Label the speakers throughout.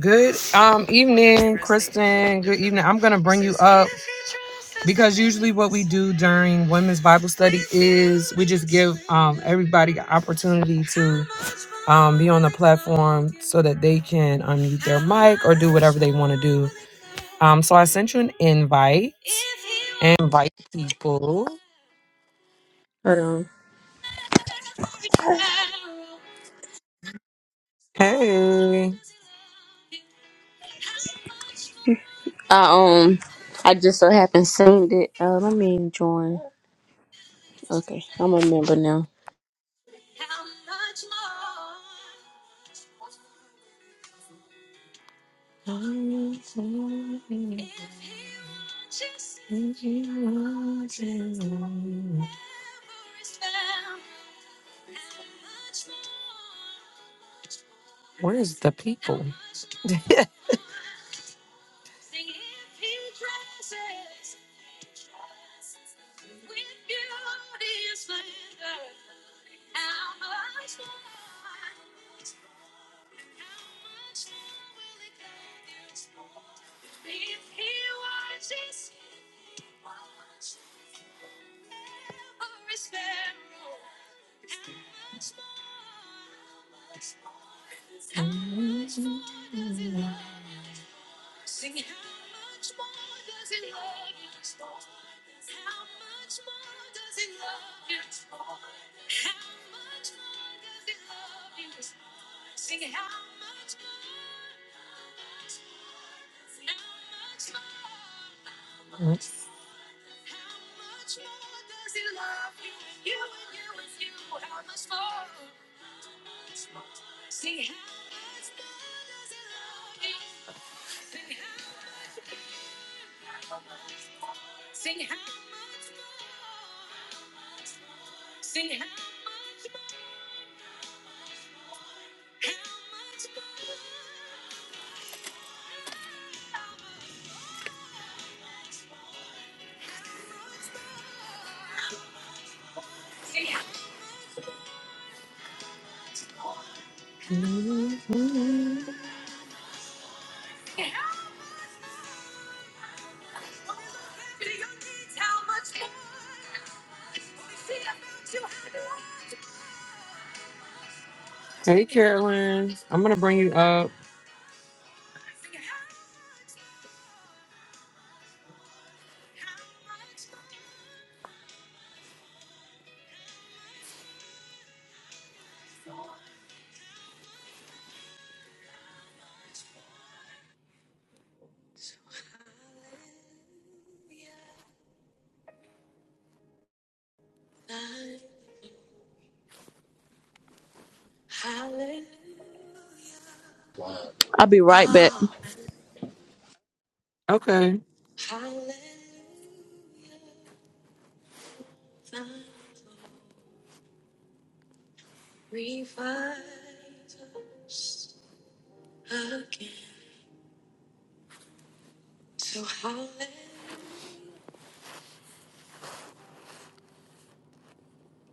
Speaker 1: Good um evening, Kristen. Good evening. I'm gonna bring you up because usually what we do during women's Bible study is we just give um everybody an opportunity to um be on the platform so that they can unmute their mic or do whatever they want to do. Um so I sent you an invite. Invite people.
Speaker 2: Hold on.
Speaker 1: Hey.
Speaker 2: I um I just so happened seen it. Uh let me join. Okay, I'm a member now.
Speaker 1: Where's the people? Hey, Carolyn. I'm going to bring you up.
Speaker 2: I'll be right back.
Speaker 1: Okay.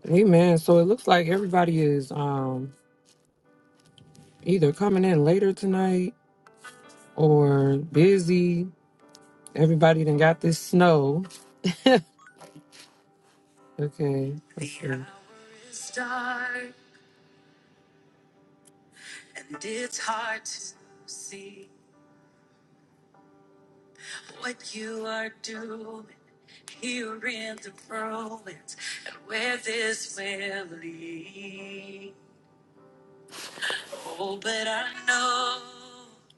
Speaker 1: Amen. So it looks like everybody is um either coming in later tonight or busy. Everybody done got this snow. Okay. Let's see.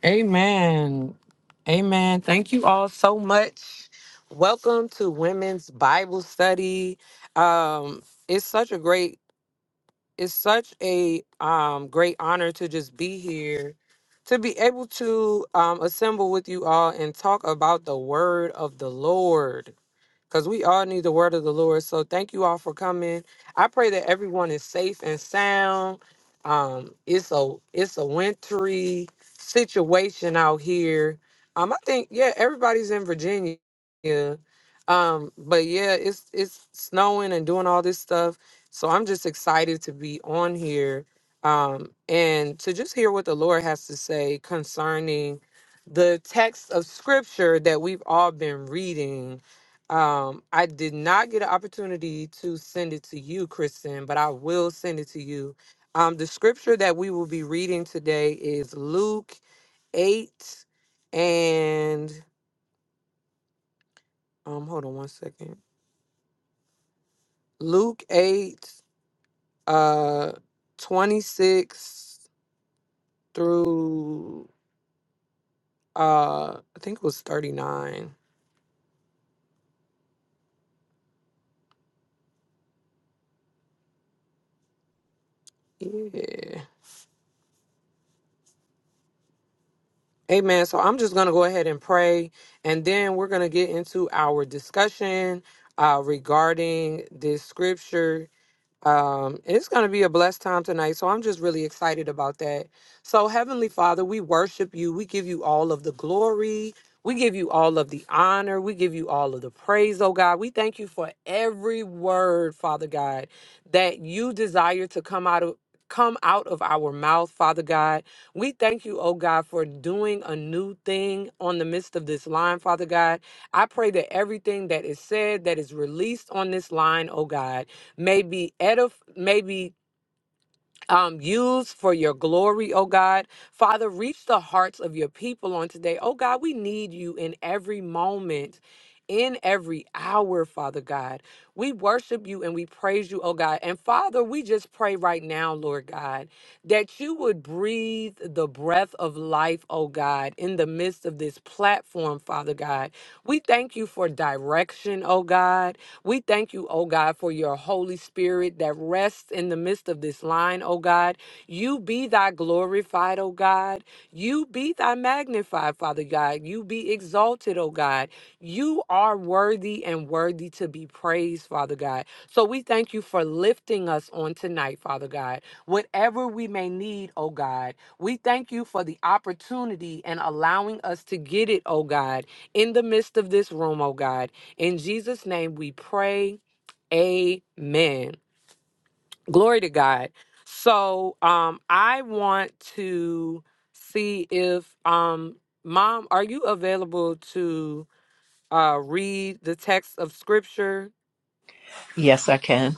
Speaker 1: Amen. Amen. Thank you all so much. Welcome to Women's Bible Study. Um, it's such a great it's such a um, great honor to just be here to be able to um, assemble with you all and talk about the word of the lord because we all need the word of the Lord. So thank you all for coming. I pray that everyone is safe and sound. Um, it's a it's a wintry situation out here. Um, I think yeah, everybody's in Virginia. Um, but yeah, it's it's snowing and doing all this stuff. So I'm just excited to be on here um, and to just hear what the Lord has to say concerning the text of scripture that we've all been reading um, I did not get an opportunity to send it to you, Kristen, but I will send it to you. Um, the scripture that we will be reading today is Luke 8 and um hold on one second. Luke 8 uh 26 through uh I think it was 39. Yeah. Amen. So I'm just going to go ahead and pray, and then we're going to get into our discussion uh, regarding this scripture um, it's going to be a blessed time tonight. So I'm just really excited about that. So, Heavenly Father, we worship you. We give you all of the glory. We give you all of the honor. We give you all of the praise, oh God. We thank you for every word, Father God, that you desire to come out of. Come out of our mouth, Father God. We thank you, oh God, for doing a new thing on the midst of this line, Father God. I pray that everything that is said, that is released on this line, oh God, may be edif- may be um, used for your glory, oh God. Father, reach the hearts of your people on today. Oh God, we need you in every moment. In every hour, Father God, we worship you and we praise you, oh God. And Father, we just pray right now, Lord God, that you would breathe the breath of life, oh God, in the midst of this platform, Father God. We thank you for direction, oh God. We thank you, oh God, for your Holy Spirit that rests in the midst of this line, oh God. You be thy glorified, oh God. You be thy magnified, Father God. You be exalted, oh God. You are worthy and worthy to be praised, Father God. So we thank you for lifting us on tonight, Father God. Whatever we may need, oh God, we thank you for the opportunity and allowing us to get it, oh God, in the midst of this room, oh God. In Jesus' name we pray. Amen. Glory to God. So um I want to see if um mom, are you available to uh read the text of scripture?
Speaker 3: Yes, I can.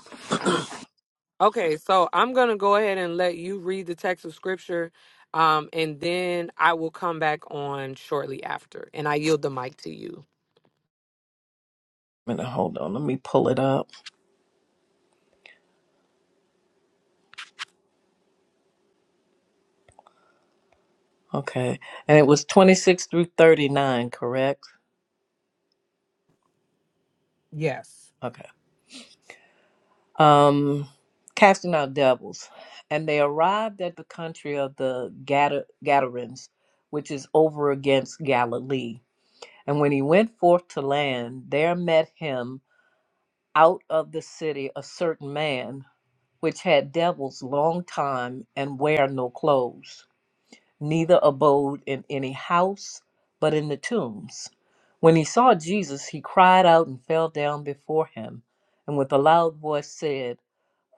Speaker 1: Okay, so I'm gonna go ahead and let you read the text of scripture. Um, and then I will come back on shortly after. And I yield the mic to you.
Speaker 3: Minute, hold on. Let me pull it up. Okay. And it was 26 through 39, correct?
Speaker 1: Yes.
Speaker 3: Okay. Um, casting out devils. And they arrived at the country of the Gada- Gadarenes, which is over against Galilee. And when he went forth to land, there met him out of the city a certain man, which had devils long time and wear no clothes neither abode in any house, but in the tombs. When he saw Jesus, he cried out and fell down before him, and with a loud voice said,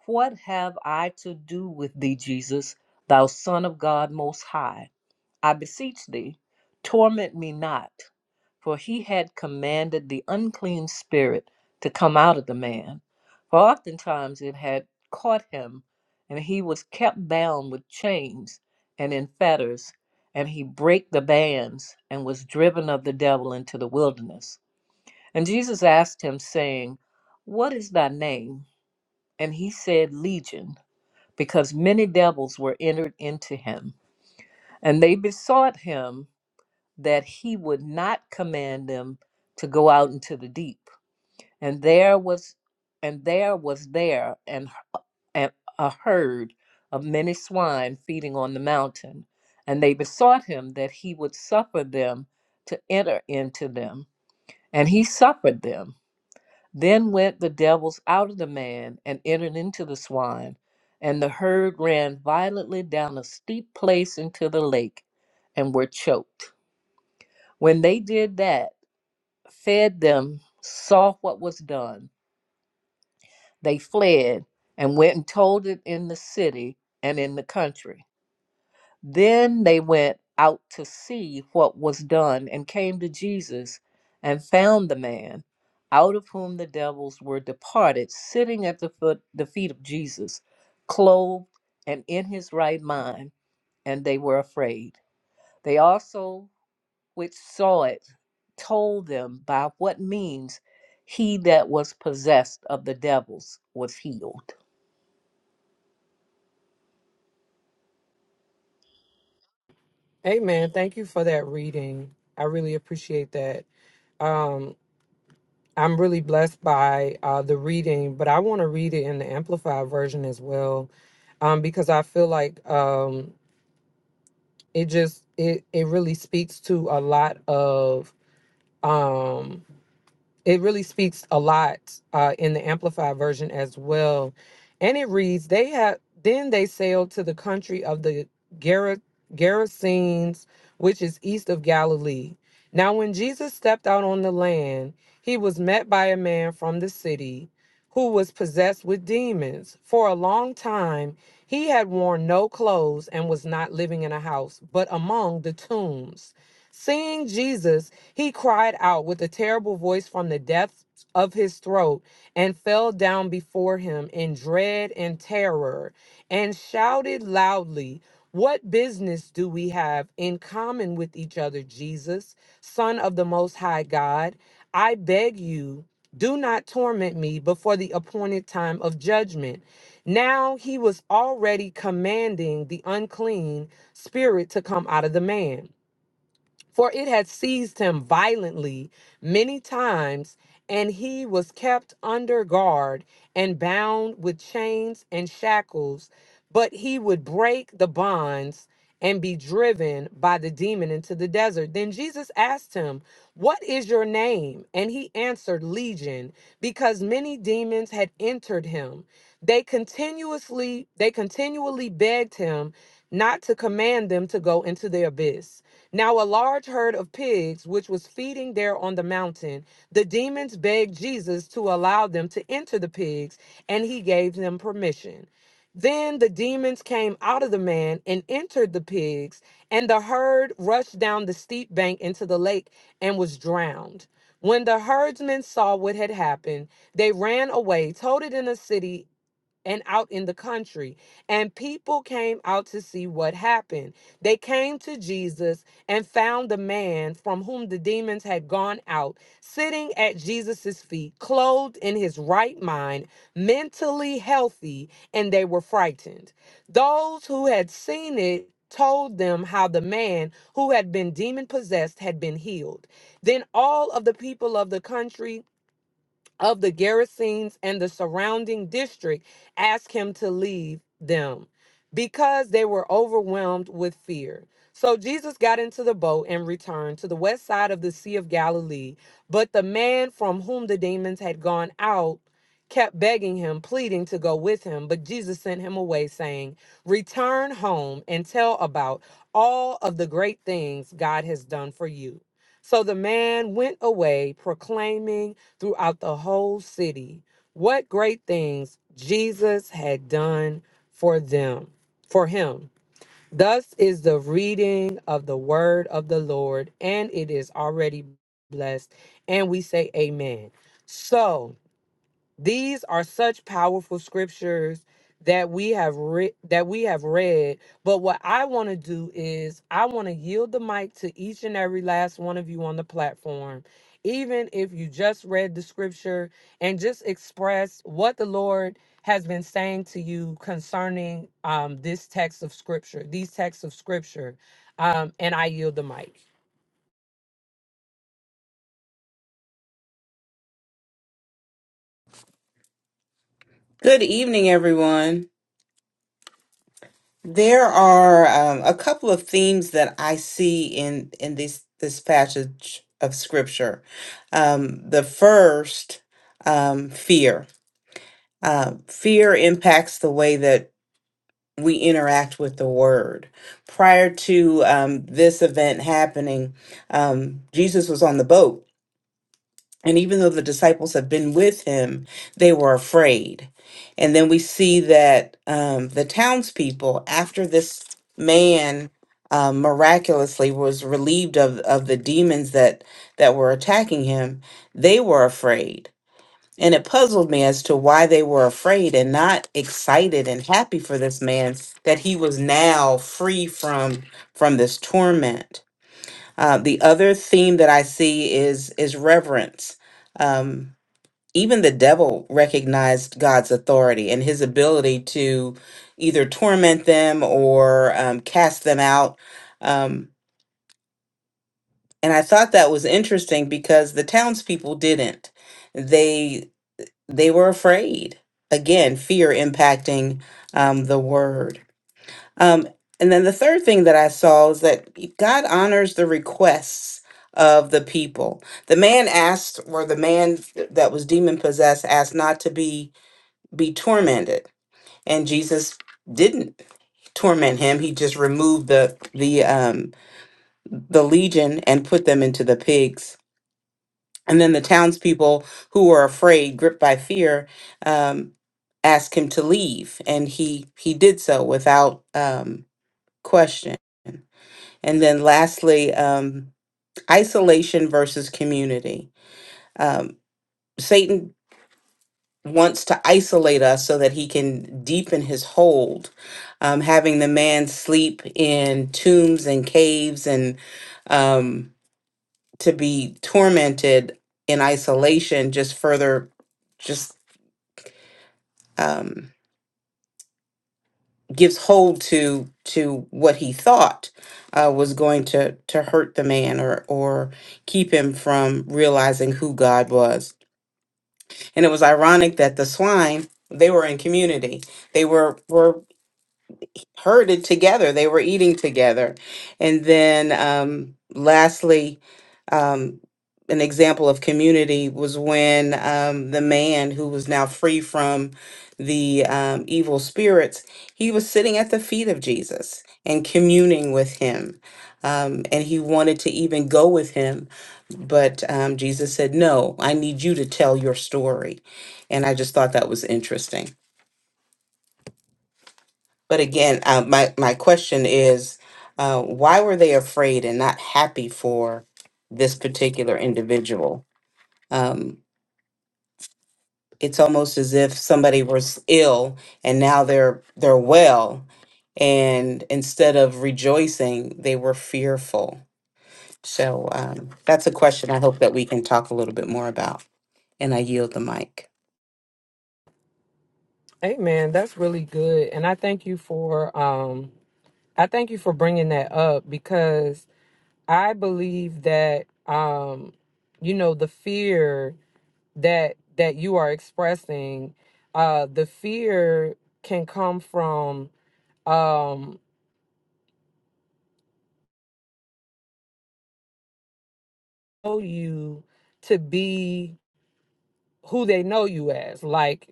Speaker 3: What have I to do with thee, Jesus, thou Son of God Most High? I beseech thee, torment me not. For he had commanded the unclean spirit to come out of the man. For oftentimes it had caught him, and he was kept bound with chains and in fetters, and he brake the bands and was driven of the devil into the wilderness. And Jesus asked him, saying, What is thy name? And he said, Legion, because many devils were entered into him. And they besought him that he would not command them to go out into the deep. And there was and there was there an, an a herd of many swine feeding on the mountain, and they besought him that he would suffer them to enter into them. And he suffered them. Then went the devils out of the man and entered into the swine, and the herd ran violently down a steep place into the lake and were choked. When they did that, fed them, saw what was done. They fled and went and told it in the city and in the country. Then they went out to see what was done and came to Jesus and found the man out of whom the devils were departed sitting at the foot the feet of Jesus clothed and in his right mind and they were afraid they also which saw it told them by what means he that was possessed of the devils was healed.
Speaker 1: Amen. Thank you for that reading. I really appreciate that. Um I'm really blessed by uh, the reading, but I want to read it in the amplified version as well, um, because I feel like um, it just it it really speaks to a lot of um, it really speaks a lot uh, in the amplified version as well and it reads they have then they sailed to the country of the Gera- gerasenes which is east of galilee now when jesus stepped out on the land he was met by a man from the city who was possessed with demons for a long time he had worn no clothes and was not living in a house but among the tombs Seeing Jesus, he cried out with a terrible voice from the depths of his throat and fell down before him in dread and terror and shouted loudly, What business do we have in common with each other, Jesus, Son of the Most High God? I beg you, do not torment me before the appointed time of judgment. Now he was already commanding the unclean spirit to come out of the man for it had seized him violently many times, and he was kept under guard and bound with chains and shackles. But he would break the bonds and be driven by the demon into the desert. Then Jesus asked him, What is your name? And he answered, Legion, because many demons had entered him. They continuously, they continually begged him not to command them to go into the abyss. Now a large herd of pigs, which was feeding there on the mountain, the demons begged Jesus to allow them to enter the pigs, and he gave them permission. Then the demons came out of the man and entered the pigs, and the herd rushed down the steep bank into the lake and was drowned. When the herdsmen saw what had happened, they ran away, told it in the city and out in the country. And people came out to see what happened. They came to Jesus and found the man from whom the demons had gone out, sitting at Jesus' feet, clothed in his right mind, mentally healthy, and they were frightened. Those who had seen it told them how the man who had been demon possessed had been healed. Then all of the people of the country of the garrisons and the surrounding district asked him to leave them because they were overwhelmed with fear. So Jesus got into the boat and returned to the west side of the Sea of Galilee. But the man from whom the demons had gone out kept begging him, pleading to go with him. But Jesus sent him away, saying, Return home and tell about all of the great things God has done for you so the man went away, proclaiming throughout the whole city what great things Jesus had done for them, for him. Thus is the reading of the word of the Lord, and it is already blessed. And we say, Amen. So, these are such powerful scriptures that we have re- that we have read. But what I want to do is I want to yield the mic to each and every last one of you on the platform. Even if you just read the scripture and just express what the Lord has been saying to you concerning um, this text of scripture, these texts of scripture. Um, and I yield the mic.
Speaker 4: Good evening, everyone. There are um, a couple of themes that I see in in this this passage of scripture. Um, the first, um, fear. Uh, fear impacts the way that we interact with the word. Prior to um, this event happening, um, Jesus was on the boat And even though the disciples have been with him, they were afraid. And then we see that um, the townspeople, after this man um, miraculously was relieved of, of the demons that, that were attacking him, they were afraid. And it puzzled me as to why they were afraid and not excited and happy for this man that he was now free from from this torment uh, the other theme that I see is is reverence. Um, even the devil recognized God's authority and His ability to either torment them or um, cast them out. Um, and I thought that was interesting because the townspeople didn't. They they were afraid. Again, fear impacting um, the word. Um, and then the third thing that I saw is that God honors the requests of the people. The man asked, or the man that was demon possessed asked not to be be tormented, and Jesus didn't torment him. He just removed the the um, the legion and put them into the pigs. And then the townspeople who were afraid, gripped by fear, um, asked him to leave, and he he did so without um, question. And then lastly, um, isolation versus community. Um, Satan wants to isolate us so that he can deepen his hold, um, having the man sleep in tombs and caves and um, to be tormented in isolation just further just um, gives hold to to what he thought uh, was going to to hurt the man or or keep him from realizing who God was. And it was ironic that the swine, they were in community. They were were heard it together. They were eating together. And then um, lastly, um, an example of community was when um, the man who was now free from the um, evil spirits, he was sitting at the feet of Jesus and communing with him. Um, and he wanted to even go with him, but um, Jesus said, No, I need you to tell your story. And I just thought that was interesting. But again, uh, my my question is, uh, why were they afraid and not happy for this particular individual? Um, it's almost as if somebody was ill and now they're they're well, and instead of rejoicing, they were fearful. So um, that's a question I hope that we can talk a little bit more about. And I yield the mic.
Speaker 1: Amen. That's really good. And I thank you for um, I thank you for bringing that up because I believe that um you know the fear that that you are expressing uh the fear can come from um know you to be who they know you as like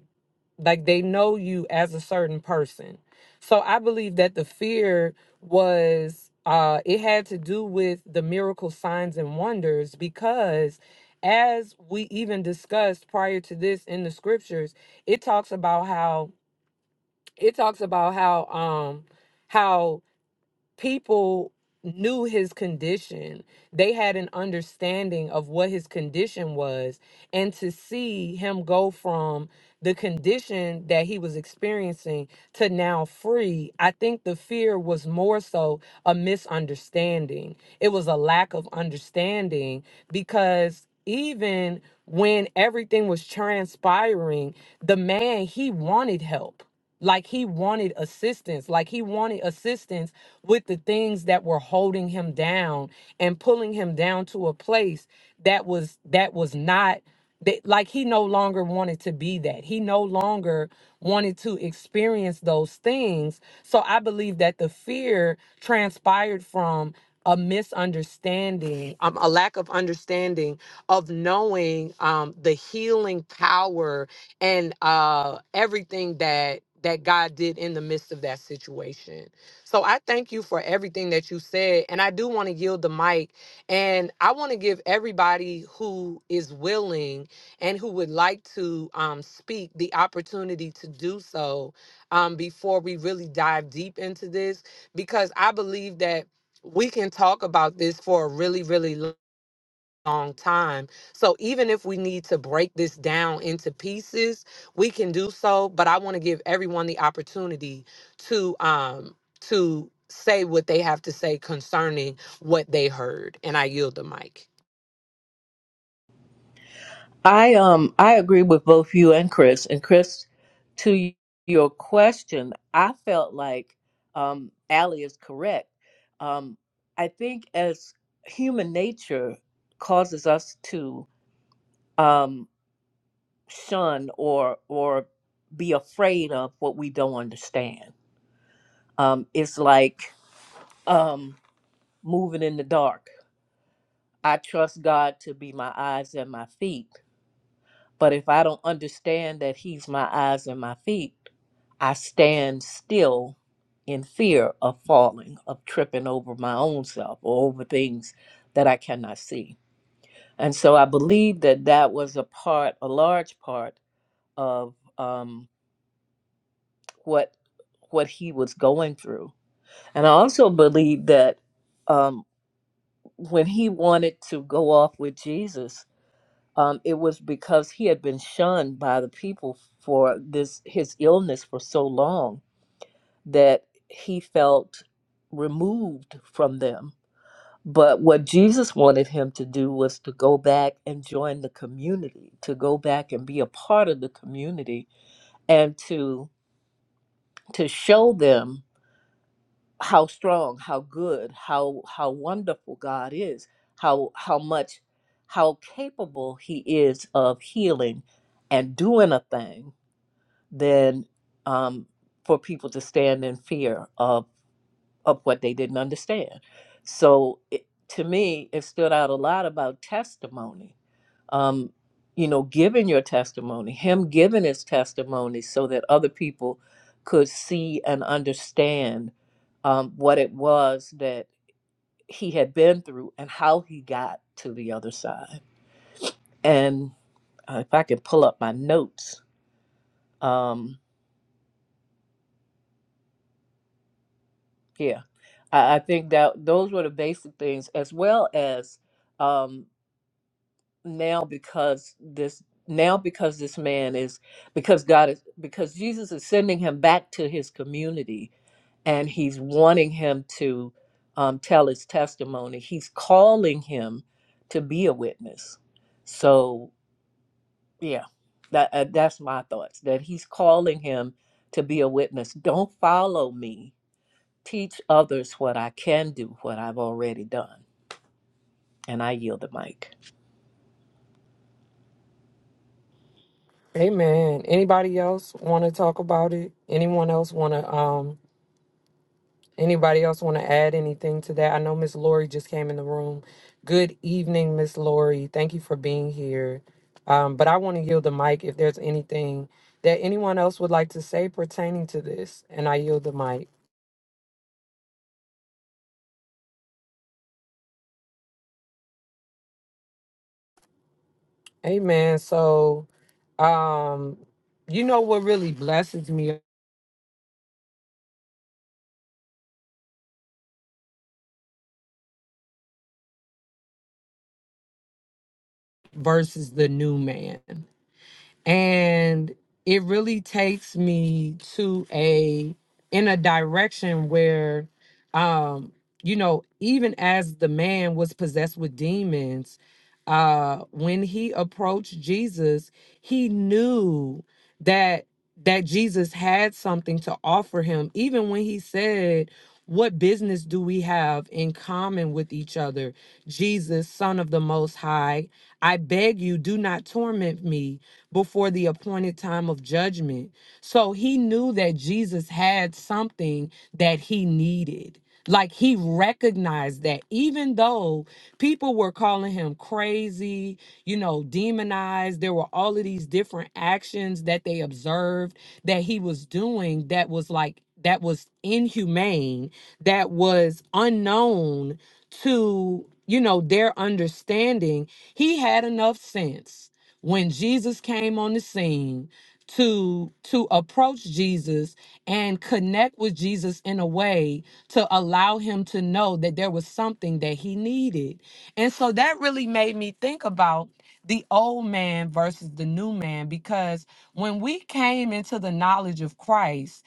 Speaker 1: like they know you as a certain person so i believe that the fear was uh it had to do with the miracle signs and wonders because as we even discussed prior to this in the scriptures it talks about how it talks about how um how people knew his condition. They had an understanding of what his condition was. And to see him go from the condition that he was experiencing to now free, I think the fear was more so a misunderstanding. It was a lack of understanding because even when everything was transpiring, the man, he wanted help like he wanted assistance like he wanted assistance with the things that were holding him down and pulling him down to a place that was that was not that like he no longer wanted to be that he no longer wanted to experience those things so i believe that the fear transpired from a misunderstanding um, a lack of understanding of knowing um, the healing power and uh, everything that that god did in the midst of that situation so I thank you for everything that you said. And I do want to yield the mic. And I want to give everybody who is willing and who would like to um, speak the opportunity to do so um, before we really dive deep into this, because I believe that we can talk about this for a really, really long long time. So even if we need to break this down into pieces, we can do so. But I want to give everyone the opportunity to um to say what they have to say concerning what they heard. And I yield the mic.
Speaker 3: I um I agree with both you and Chris. And Chris, to y- your question, I felt like um Allie is correct. Um I think as human nature causes us to um shun or or be afraid of what we don't understand. Um it's like um moving in the dark I trust God to be my eyes and my feet. But if I don't understand that He's my eyes and my feet, I stand still in fear of falling, of tripping over my own self or over things that I cannot see. And so I believe that that was a part, a large part of um, what what he was going through. And I also believe that um, when he wanted to go off with Jesus, um, it was because he had been shunned by the people for this his illness for so long that he felt removed from them. But what Jesus wanted him to do was to go back and join the community, to go back and be a part of the community, and to to show them how strong, how good, how how wonderful God is, how how much how capable he is of healing and doing a thing, then um, for people to stand in fear of of what they didn't understand. So it, to me, it stood out a lot about testimony. Um, you know, giving your testimony, him giving his testimony so that other people could see and understand um, what it was that he had been through and how he got to the other side. And uh, if I could pull up my notes, um, yeah, I, I think that those were the basic things, as well as. Um, now because this now because this man is because God is because Jesus is sending him back to his community and he's wanting him to um, tell his testimony. He's calling him to be a witness. So yeah, that uh, that's my thoughts that he's calling him to be a witness. Don't follow me. Teach others what I can do, what I've already done. And I yield the mic.
Speaker 1: Amen. Anybody else want to talk about it? Anyone else want to? Um, Anybody else want to add anything to that? I know Miss Lori just came in the room. Good evening, Miss Lori. Thank you for being here. Um, but I want to yield the mic if there's anything that anyone else would like to say pertaining to this, and I yield the mic. Amen. So, um, you know what really blesses me versus the new man. and it really takes me to a in a direction where um you know even as the man was possessed with demons uh when he approached Jesus, he knew that that Jesus had something to offer him even when he said, "What business do we have in common with each other?" Jesus, son of the most high, I beg you do not torment me before the appointed time of judgment. So he knew that Jesus had something that he needed. Like he recognized that even though people were calling him crazy, you know, demonized, there were all of these different actions that they observed that he was doing that was like, that was inhumane, that was unknown to, you know, their understanding. He had enough sense when Jesus came on the scene to to approach Jesus and connect with Jesus in a way to allow him to know that there was something that he needed. And so that really made me think about the old man versus the new man because when we came into the knowledge of Christ,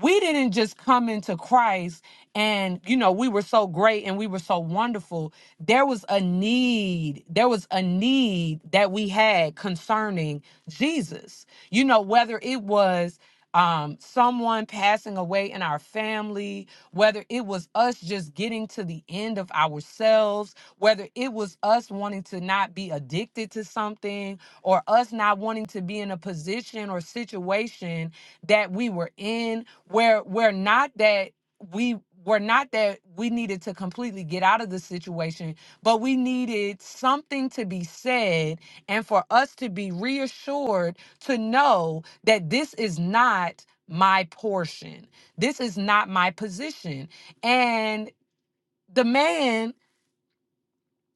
Speaker 1: we didn't just come into Christ and you know we were so great and we were so wonderful there was a need there was a need that we had concerning Jesus you know whether it was um someone passing away in our family whether it was us just getting to the end of ourselves whether it was us wanting to not be addicted to something or us not wanting to be in a position or situation that we were in where we're not that we were not that we needed to completely get out of the situation but we needed something to be said and for us to be reassured to know that this is not my portion this is not my position and the man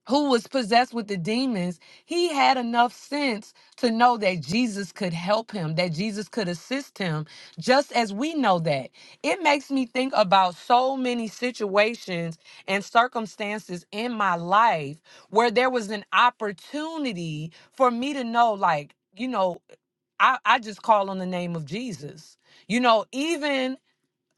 Speaker 1: who was possessed with the demons, he had enough sense to know that Jesus could help him, that Jesus could assist him, just as we know that. It makes me think about so many situations and circumstances in my life where there was an opportunity for me to know, like, you know, I, I just call on the name of Jesus. You know, even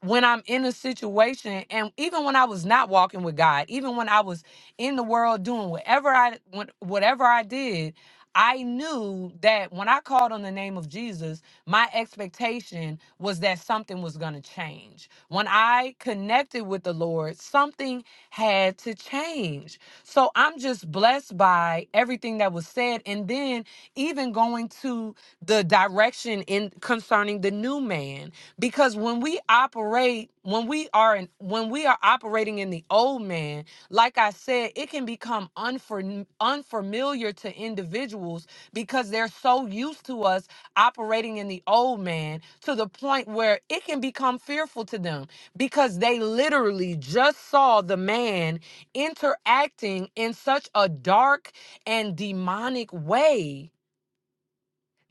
Speaker 1: when I'm in a situation, and even when I was not walking with God, even when I was in the world doing whatever I what- whatever I did, I knew that when I called on the name of Jesus, my expectation was that something was going to change. When I connected with the Lord, something had to change. So I'm just blessed by everything that was said, and then even going to the direction in concerning the new man because when we operate when we are in, when we are operating in the old man like i said it can become unfam- unfamiliar to individuals because they're so used to us operating in the old man to the point where it can become fearful to them because they literally just saw the man interacting in such a dark and demonic way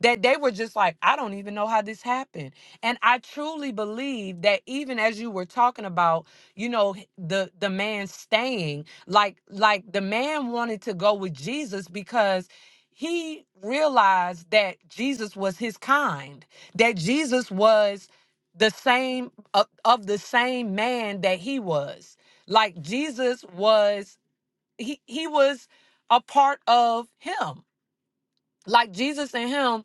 Speaker 1: that they were just like, I don't even know how this happened. And I truly believe that even as you were talking about, you know, h- the the man staying, like like the man wanted to go with Jesus because he realized that Jesus was his kind, that Jesus was the same of, of the same man that he was. Like Jesus was he he was a part of him like Jesus and him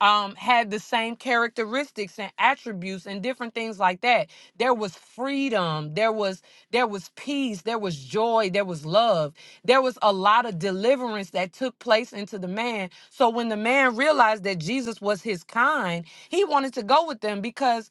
Speaker 1: um had the same characteristics and attributes and different things like that there was freedom there was there was peace there was joy there was love there was a lot of deliverance that took place into the man so when the man realized that Jesus was his kind he wanted to go with them because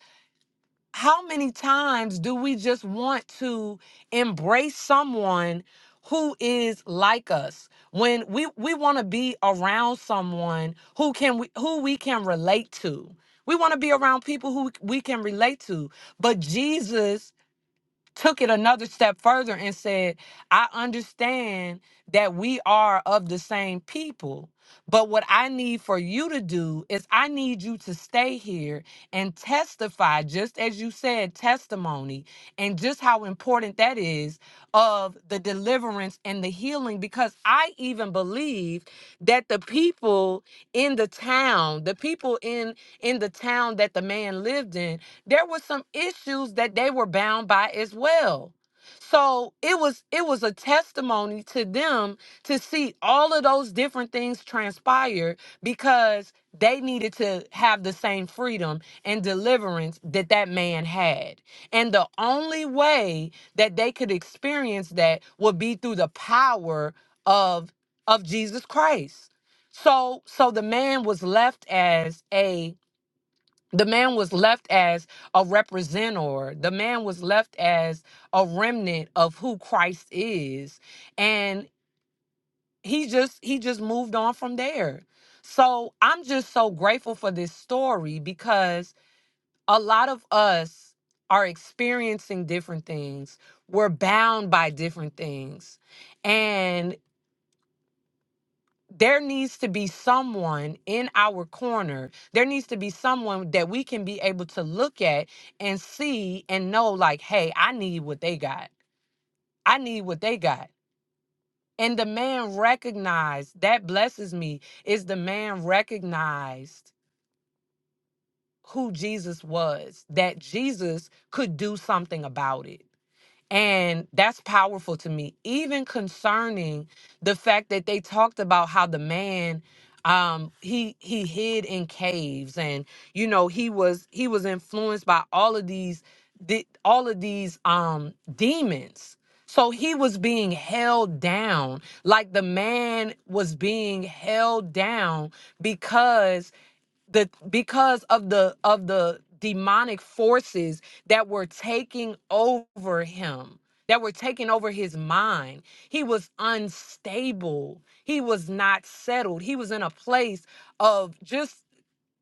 Speaker 1: how many times do we just want to embrace someone who is like us when we we want to be around someone who can we, who we can relate to we want to be around people who we can relate to but jesus took it another step further and said, I understand that we are of the same people, but what I need for you to do is I need you to stay here and testify, just as you said, testimony, and just how important that is of the deliverance and the healing because I even believe that the people in the town, the people in in the town that the man lived in, there were some issues that they were bound by as well. So it was it was a testimony to them to see all of those different things transpire because they needed to have the same freedom and deliverance that that man had. And the only way that they could experience that would be through the power of of Jesus Christ. So so the man was left as a the man was left as a representator. The man was left as a remnant of who Christ is. And he just he just moved on from there. So I'm just so grateful for this story because a lot of us are experiencing different things. We're bound by different things. And there needs to be someone in our corner. There needs to be someone that we can be able to look at and see and know, like, hey, I need what they got. I need what they got. And the man recognized that blesses me is the man recognized who Jesus was, that Jesus could do something about it And that's powerful to me, even concerning the fact that they talked about how the man um he he hid in caves and you know he was he was influenced by all of these the, all of these um demons so he was being held down like the man was being held down because the because of the of the demonic forces that were taking over him that were taking over his mind he was unstable he was not settled he was in a place of just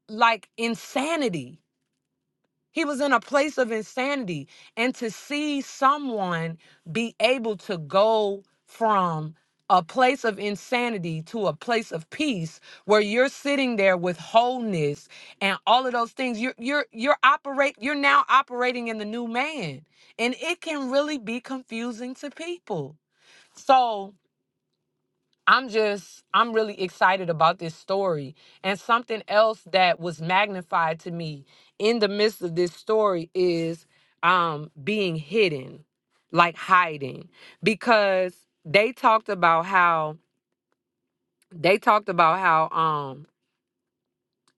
Speaker 1: like insanity he was in a place of insanity. And to see someone be able to go from a place of insanity to a place of peace where you're sitting there with wholeness and all of those things you're you're you're operate you're now operating in the new man and it can really be confusing to people so I'm just, I'm really excited about this story. And something else that was magnified to me in the midst of this story is um, being hidden, like hiding, because they talked about how, they talked about how um,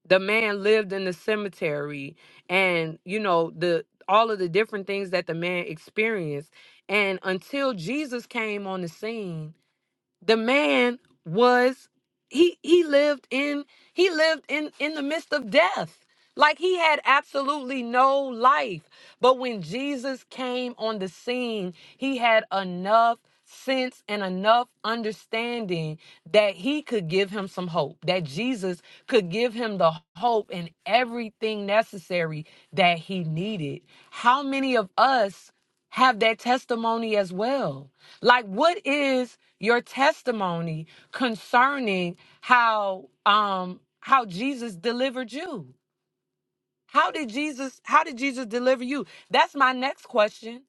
Speaker 1: the man lived in the cemetery and, you know, the, all of the different things that the man experienced. And until Jesus came on the scene, the man was he he lived in he lived in in the midst of death like he had absolutely no life but when jesus came on the scene he had enough sense and enough understanding that he could give him some hope that jesus could give him the hope and everything necessary that he needed how many of us have that testimony as well. Like, what is your testimony concerning how um how Jesus delivered you? How did Jesus how did Jesus deliver you? That's my next question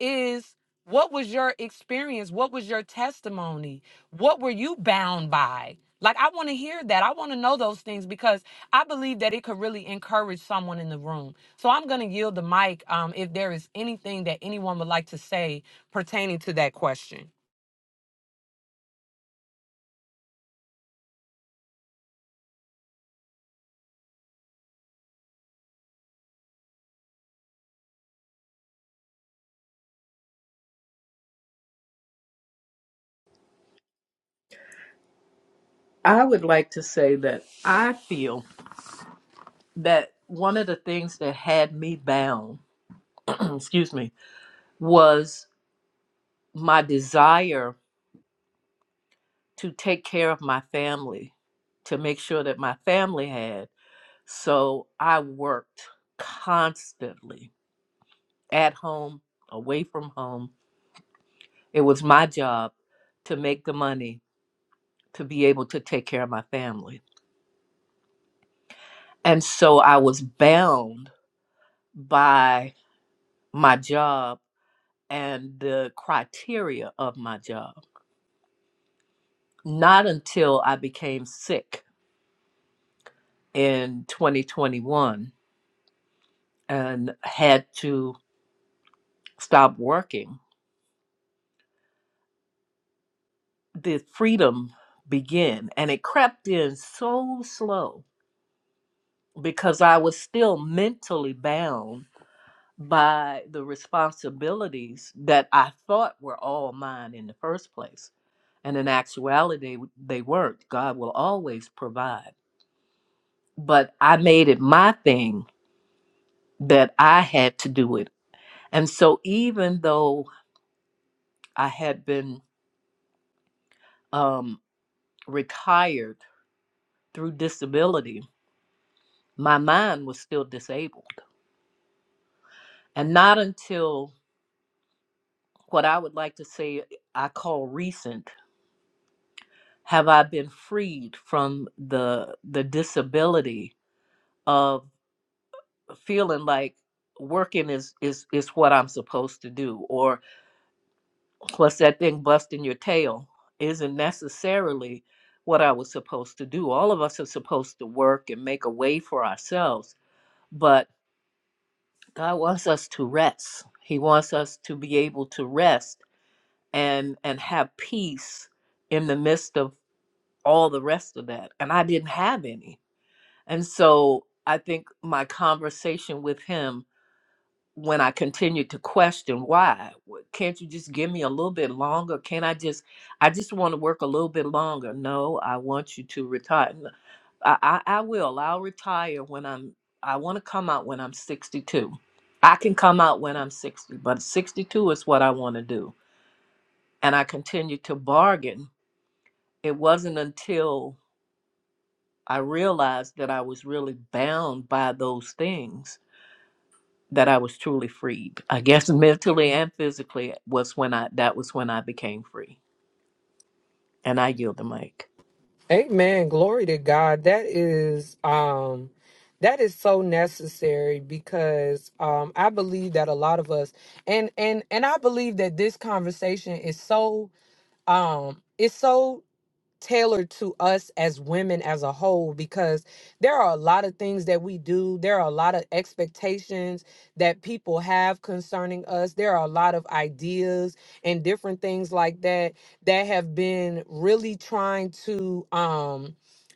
Speaker 1: is what was your experience? What was your testimony? What were you bound by? Like I want to hear that. I want to know those things because I believe that it could really encourage someone in the room. So I'm going to yield the mic um, if there is anything that anyone would like to say pertaining to that question.
Speaker 3: I would like to say that I feel that one of the things that had me bound, excuse me, was my desire to take care of my family, to make sure that my family had. So I worked constantly at home, away from home. It was my job to make the money to be able to take care of my family. And so I was bound by my job and the criteria of my job. not until I became sick in 2021 and had to stop working did freedom begin. And it crept in so slow because I was still mentally bound by the responsibilities that I thought were all mine in the first place. And in actuality, they weren't. God will always provide. But I made it my thing that I had to do it And so, even though I had been um, retired through disability, my mind was still disabled. And not until what I would like to say I call recent have I been freed from the the disability of feeling like working is is is what I'm supposed to do or. Plus, that thing busting your tail isn't necessarily what I was supposed to do. All of us are supposed to work and make a way for ourselves, but God wants us to rest. He wants us to be able to rest and and have peace in the midst of all the rest of that. And I didn't have any. And so I think my conversation with him when I continued to question why, w- can't you just give me a little bit longer? Can I just, I just want to work a little bit longer. No, I want you to retire. I I I, I, I will. I'll retire when I'm, I want to come out when I'm 62. I can come out when I'm 60, but 62 is what I want to do. And I continued to bargain. It wasn't until I realized that I was really bound by those things that I was truly freed. I guess mentally and physically was when I that was when I became free. And I yield the mic.
Speaker 1: Amen. Glory to God. That is um that is so necessary because um I believe that a lot of us and and and I believe that this conversation is so um it's so tailored to us as women as a whole because there are a lot of things that we do there are a lot of expectations that people have concerning us there are a lot of ideas and different things like that that have been really trying to um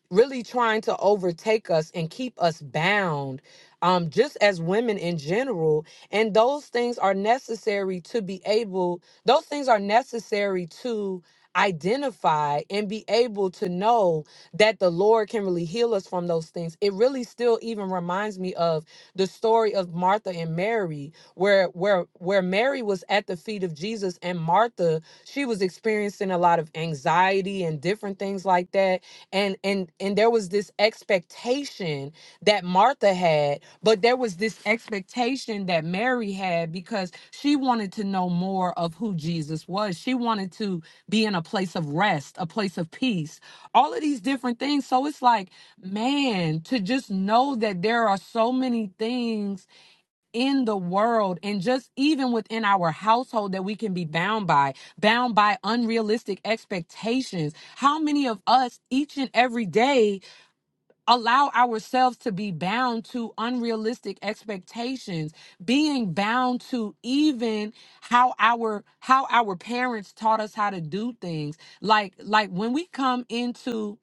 Speaker 1: really trying to overtake us and keep us bound um just as women in general and those things are necessary to be able those things are necessary to identify and be able to know that the lord can really heal us from those things it really still even reminds me of the story of martha and mary where where where mary was. Mary was at the feet of Jesus and Martha, she was experiencing a lot of anxiety and different things like that. And and and there was this expectation that Martha had, but there was this expectation that Mary had because she wanted to know more of who Jesus was. She wanted to be in a place of rest, a place of peace, all of these different things. So it's like, man, to just know that there are so many things in the world and just even within our household that we can be bound by, bound by unrealistic expectations. How many of us each and every day allow ourselves to be bound to unrealistic expectations, being bound to even how our how our parents taught us how to do things. Like like when we come into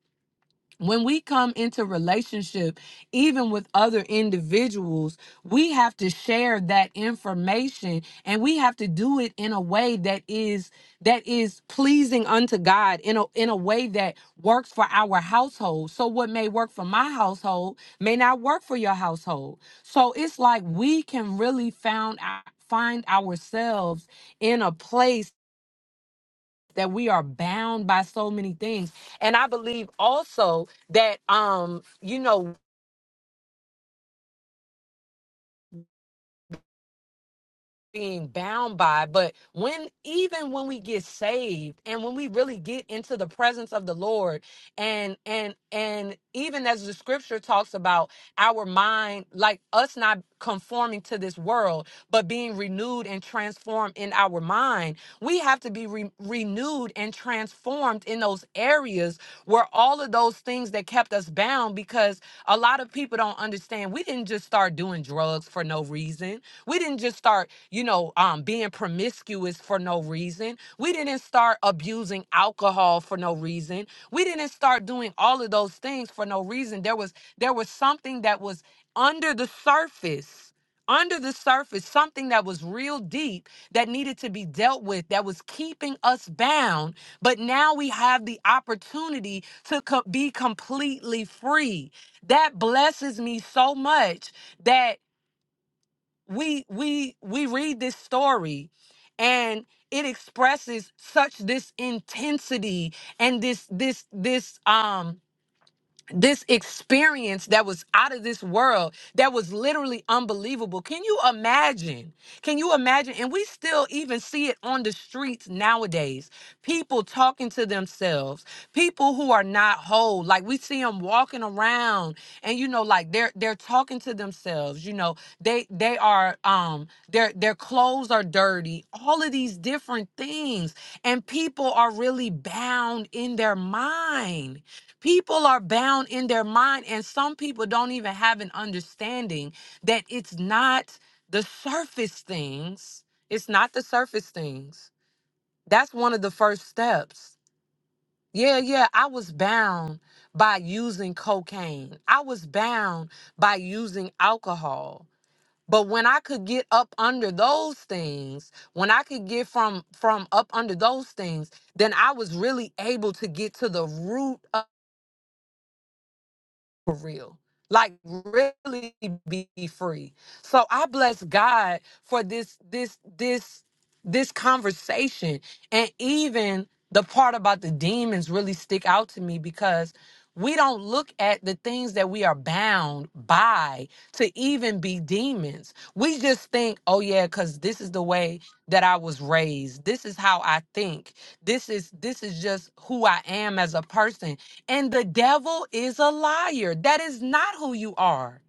Speaker 1: when we come into relationship even with other individuals we have to share that information and we have to do it in a way that is that is pleasing unto god in a in a way that works for our household so what may work for my household may not work for your household so it's like we can really found our, find ourselves in a place that we are bound by so many things and i believe also that um you know being bound by but when even when we get saved and when we really get into the presence of the lord and and and even as the scripture talks about our mind like us not conforming to this world but being renewed and transformed in our mind. We have to be re- renewed and transformed in those areas where all of those things that kept us bound, because a lot of people don't understand. We didn't just start doing drugs for no reason. We didn't just start, you know, um, being promiscuous for no reason. We didn't start abusing alcohol for no reason. We didn't start doing all of those things for no reason. There was there was something that was under the surface under the surface something that was real deep that needed to be dealt with that was keeping us bound but now we have the opportunity to co- be completely free that blesses me so much that we we we read this story and it expresses such this intensity and this this this um this experience that was out of this world that was literally unbelievable can you imagine can you imagine and we still even see it on the streets nowadays people talking to themselves people who are not whole like we see them walking around and you know like they're they're talking to themselves you know they they are um their their clothes are dirty all of these different things and people are really bound in their mind People are bound in their mind, and some people don't even have an understanding that it's not the surface things. It's not the surface things. That's one of the first steps. Yeah, yeah, I was bound by using cocaine, I was bound by using alcohol. But when I could get up under those things, when I could get from from up under those things, then I was really able to get to the root of. for real. Like really be free. So I bless God for this this this this conversation and even the part about the demons really stick out to me because we don't look at the things that we are bound by to even be demons. We just think, oh yeah, cuz this is the way that I was raised. This is how I think. This is this is just who I am as a person and the devil is a liar. That is not who you are.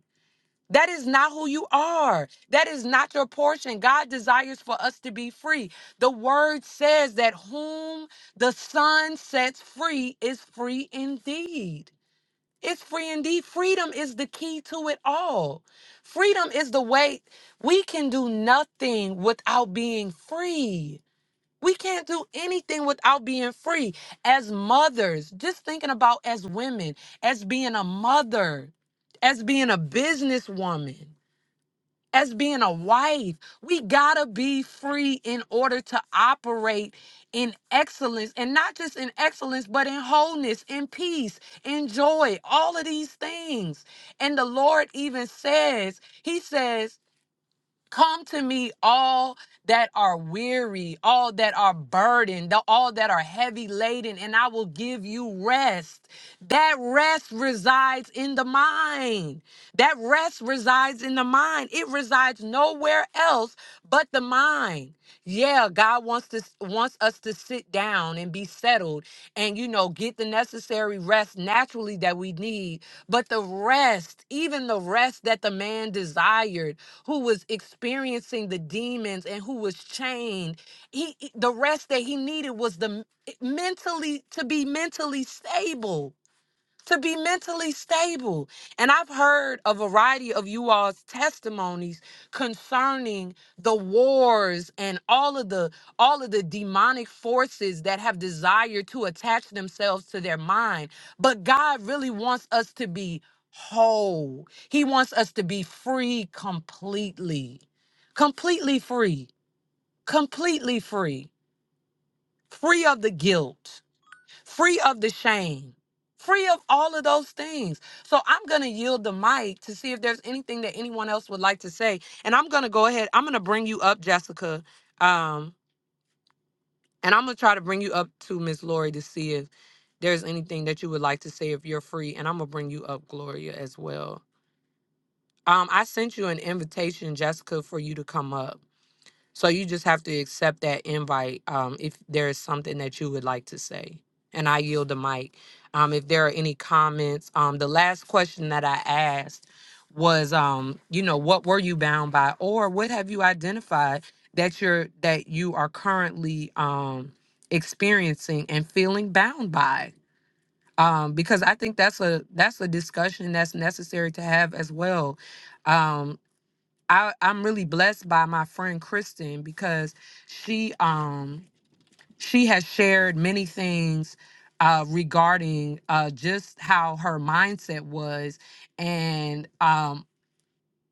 Speaker 1: That is not who you are. That is not your portion. God desires for us to be free. The word says that whom the Son sets free is free indeed. It's free indeed. Freedom is the key to it all. Freedom is the way we can do nothing without being free. We can't do anything without being free. As mothers, just thinking about as women, as being a mother, as being a businesswoman, as being a wife, we gotta be free in order to operate in excellence and not just in excellence, but in wholeness, in peace, in joy, all of these things. And the Lord even says, He says, Come to me, all that are weary, all that are burdened, the- all that are heavy laden, and I will give you rest. That rest resides in the mind. That rest resides in the mind. It resides nowhere else but the mind yeah god wants to wants us to sit down and be settled and you know get the necessary rest naturally that we need but the rest even the rest that the man desired who was experiencing the demons and who was chained he he- the rest that he needed was the m- mentally to be mentally stable to be mentally stable. And I've heard a variety of you all's testimonies concerning the wars and all of the all of the demonic forces that have desired to attach themselves to their mind. But God really wants us to be whole. He wants us to be free completely. Completely free. Completely free. Free of the guilt free of the shame, free of all of those things. So I'm going to yield the mic to see if there's anything that anyone else would like to say. And I'm going to go ahead, I'm going to bring you up, Jessica. Um, and I'm going to try to bring you up to Miss Lori to see if there's anything that you would like to say if you're free. And I'm going to bring you up, Gloria, as well. Um, I sent you an invitation, Jessica, for you to come up. So you just have to accept that invite um, if there is something that you would like to say. And I yield the mic. Um, if there are any comments, um, the last question that I asked was, um, you know, what were you bound by, or what have you identified that you're that you are currently um, experiencing and feeling bound by? Um, because I think that's a that's a discussion that's necessary to have as well Um, I, I'm really blessed by my friend Kristen because she um she has shared many things uh, regarding uh, just how her mindset was and um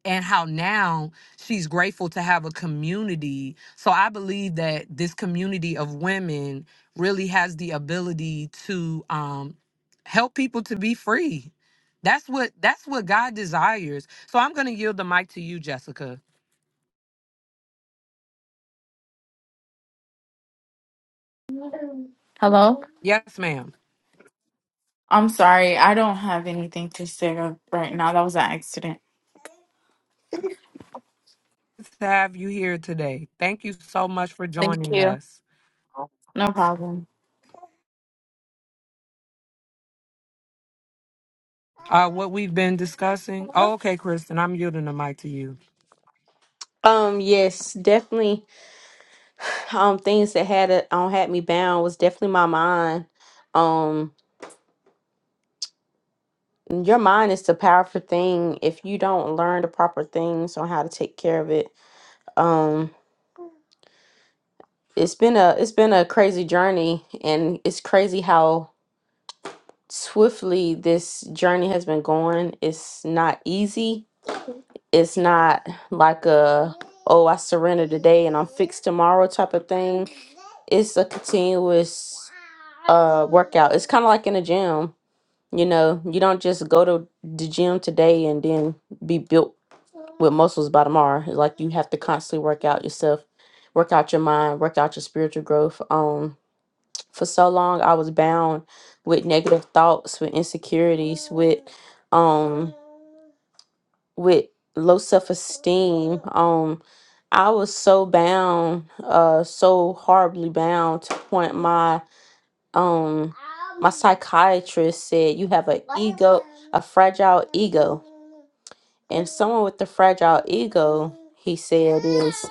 Speaker 1: and how now she's grateful to have a community. So I believe that this community of women really has the ability to um, help people to be free. That's what that's what God desires. So I'm going to yield the mic to you, Jessica.
Speaker 5: Hello?
Speaker 1: Yes, ma'am.
Speaker 5: I'm sorry. I don't have anything to say right now. That was an accident.
Speaker 1: Good to have you here today. Thank you so much for
Speaker 5: Thank
Speaker 1: joining
Speaker 5: you.
Speaker 1: us.
Speaker 5: No problem.
Speaker 1: Uh, what we've been discussing. Oh, okay, Kristen, I'm yielding the mic to you.
Speaker 2: Um yes, definitely um things that had it um had me bound was definitely my mind. Um your mind is the powerful thing if you don't learn the proper things on how to take care of it. Um it's been a it's been a crazy journey and it's crazy how swiftly this journey has been going. It's not easy it's not like a oh i surrender today and i'm fixed tomorrow type of thing it's a continuous uh workout it's kind of like in a gym you know you don't just go to the gym today and then be built with muscles by tomorrow It's like you have to constantly work out yourself work out your mind work out your spiritual growth um for so long i was bound with negative thoughts with insecurities with um with low self esteem. Um, I was so bound, uh, so horribly bound to the point my um my psychiatrist said you have an ego, a fragile ego, and someone with a fragile ego, he said, is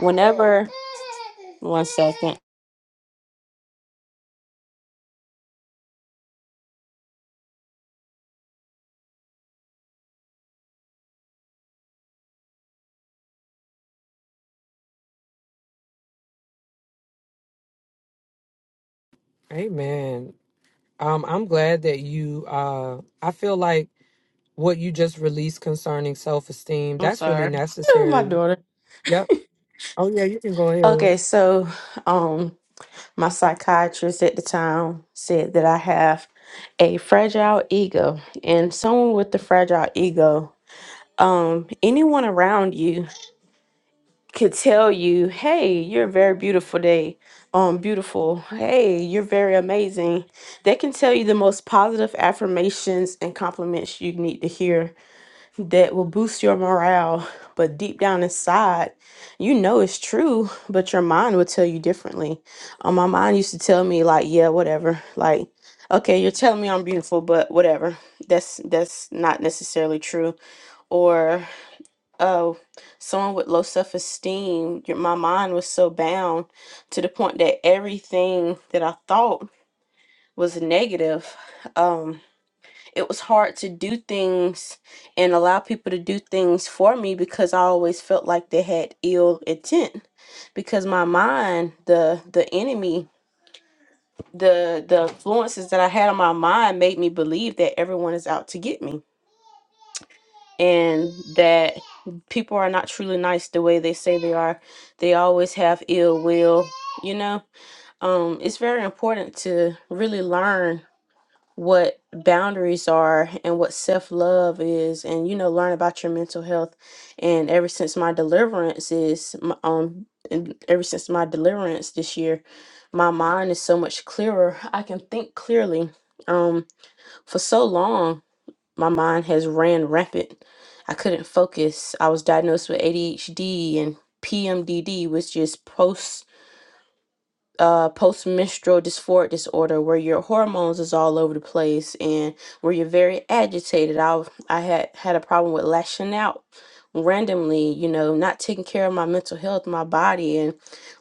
Speaker 2: whenever. One second,
Speaker 1: Amen. Um, I'm glad that you. Uh, I feel like what you just released concerning self esteem.
Speaker 2: I'm
Speaker 1: That's really
Speaker 2: sorry. My
Speaker 1: necessary.
Speaker 2: daughter.
Speaker 1: Yep. Oh yeah, you can go ahead.
Speaker 2: Okay, so, um, My psychiatrist at the time said that I have a fragile ego, and someone with the fragile ego, um, anyone around you could tell you, "Hey, you're a very beautiful day, um, beautiful. Hey, you're very amazing." They can tell you the most positive affirmations and compliments you need to hear that will boost your morale, but deep down inside, you know it's true, but your mind will tell you differently. Um, my mind used to tell me like, yeah, whatever. Like, okay, you're telling me I'm beautiful, but whatever. That's that's not necessarily true. Or oh, someone with low self-esteem, your, my mind was so bound to the point that everything that I thought was negative. Um, it was hard to do things and allow people to do things for me because I always felt like they had ill intent because my mind the the enemy the the influences that I had on my mind made me believe that everyone is out to get me and that people are not truly nice the way they say they are they always have ill will you know um it's very important to really learn what boundaries are and what self-love is and you know learn about your mental health and ever since my deliverance is m- um and ever since my deliverance this year my mind is so much clearer i can think clearly um for so long my mind has ran rampant i couldn't focus i was diagnosed with adhd and pmdd which is uh, postmenstrual dysphoric disorder where your hormones is all over the place and where you're very agitated. I I had had a problem with lashing out randomly, you know, not taking care of my mental health, my body, and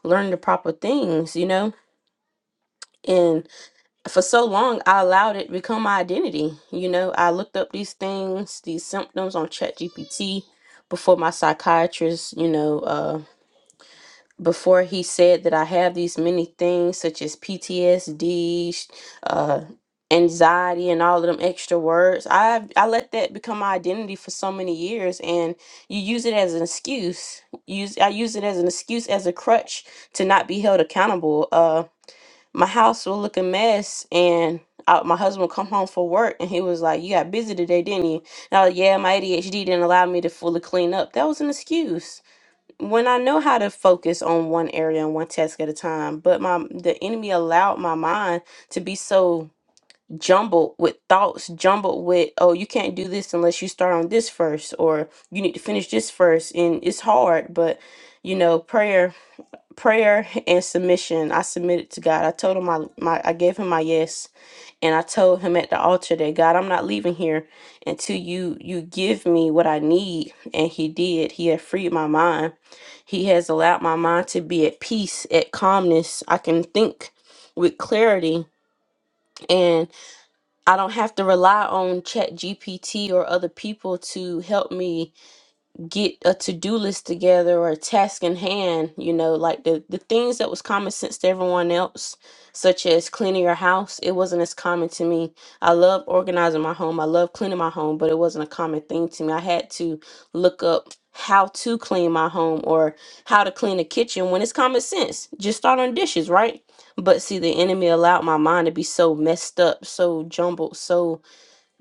Speaker 2: learning the proper things, you know. And for so long, I allowed it to become my identity. You know, I looked up these things, these symptoms on ChatGPT before my psychiatrist, you know, uh, before he said that I have these many things such as PTSD, sh- uh, anxiety, and all of them extra words. I I let that become my identity for so many years, and you use it as an excuse. Use I use it as an excuse as a crutch to not be held accountable. Uh, my house will look a mess, and I, my husband would come home from work, and he was like, "You got busy today, didn't you?" And I was, like, "Yeah, my ADHD didn't allow me to fully clean up." That was an excuse when I know how to focus on one area and one task at a time, but my the enemy allowed my mind to be so jumbled with thoughts, jumbled with, oh, you can't do this unless you start on this first, or you need to finish this first. And it's hard, but you know, prayer, prayer and submission. I submitted to God. I told him my, my I gave him my yes and I told him at the altar that God, I'm not leaving here until you you give me what I need. And he did. He had freed my mind. He has allowed my mind to be at peace, at calmness. I can think with clarity and I don't have to rely on chat GPT or other people to help me get a to-do list together or a task in hand you know like the the things that was common sense to everyone else such as cleaning your house it wasn't as common to me i love organizing my home i love cleaning my home but it wasn't a common thing to me i had to look up how to clean my home or how to clean a kitchen when it's common sense just start on dishes right but see the enemy allowed my mind to be so messed up so jumbled so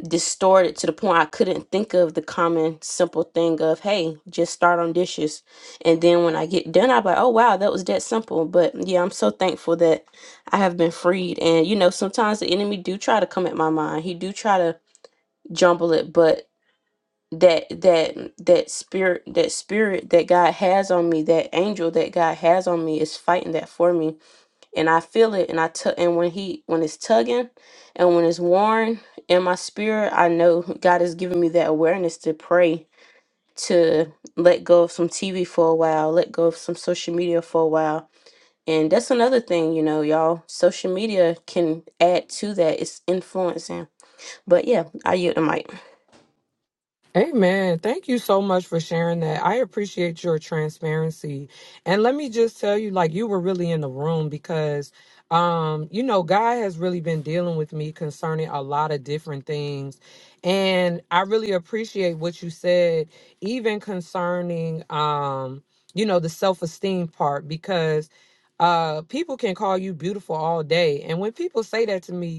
Speaker 2: distorted to the point I couldn't think of the common simple thing of, hey, just start on dishes. And then when I get done, I'm like, oh, wow, that was that simple. But yeah, I'm so thankful that I have been freed. And, you know, sometimes the enemy do try to come at my mind. He do try to jumble it, but that that that spirit that spirit that God has on me that angel that God has on me is fighting that for me and I feel it, and I tug, and when he when it's tugging, and when it's worn in my spirit, I know God has given me that awareness to pray, to let go of some TV for a while, let go of some social media for a while, and that's another thing, you know, y'all. Social media can add to that. It's influencing, but yeah, I yield the mic.
Speaker 1: Amen. Thank you so much for sharing that. I appreciate your transparency. And let me just tell you, like you were really in the room because um, you know, God has really been dealing with me concerning a lot of different things. And I really appreciate what you said, even concerning um, you know, the self-esteem part, because uh people can call you beautiful all day. And when people say that to me,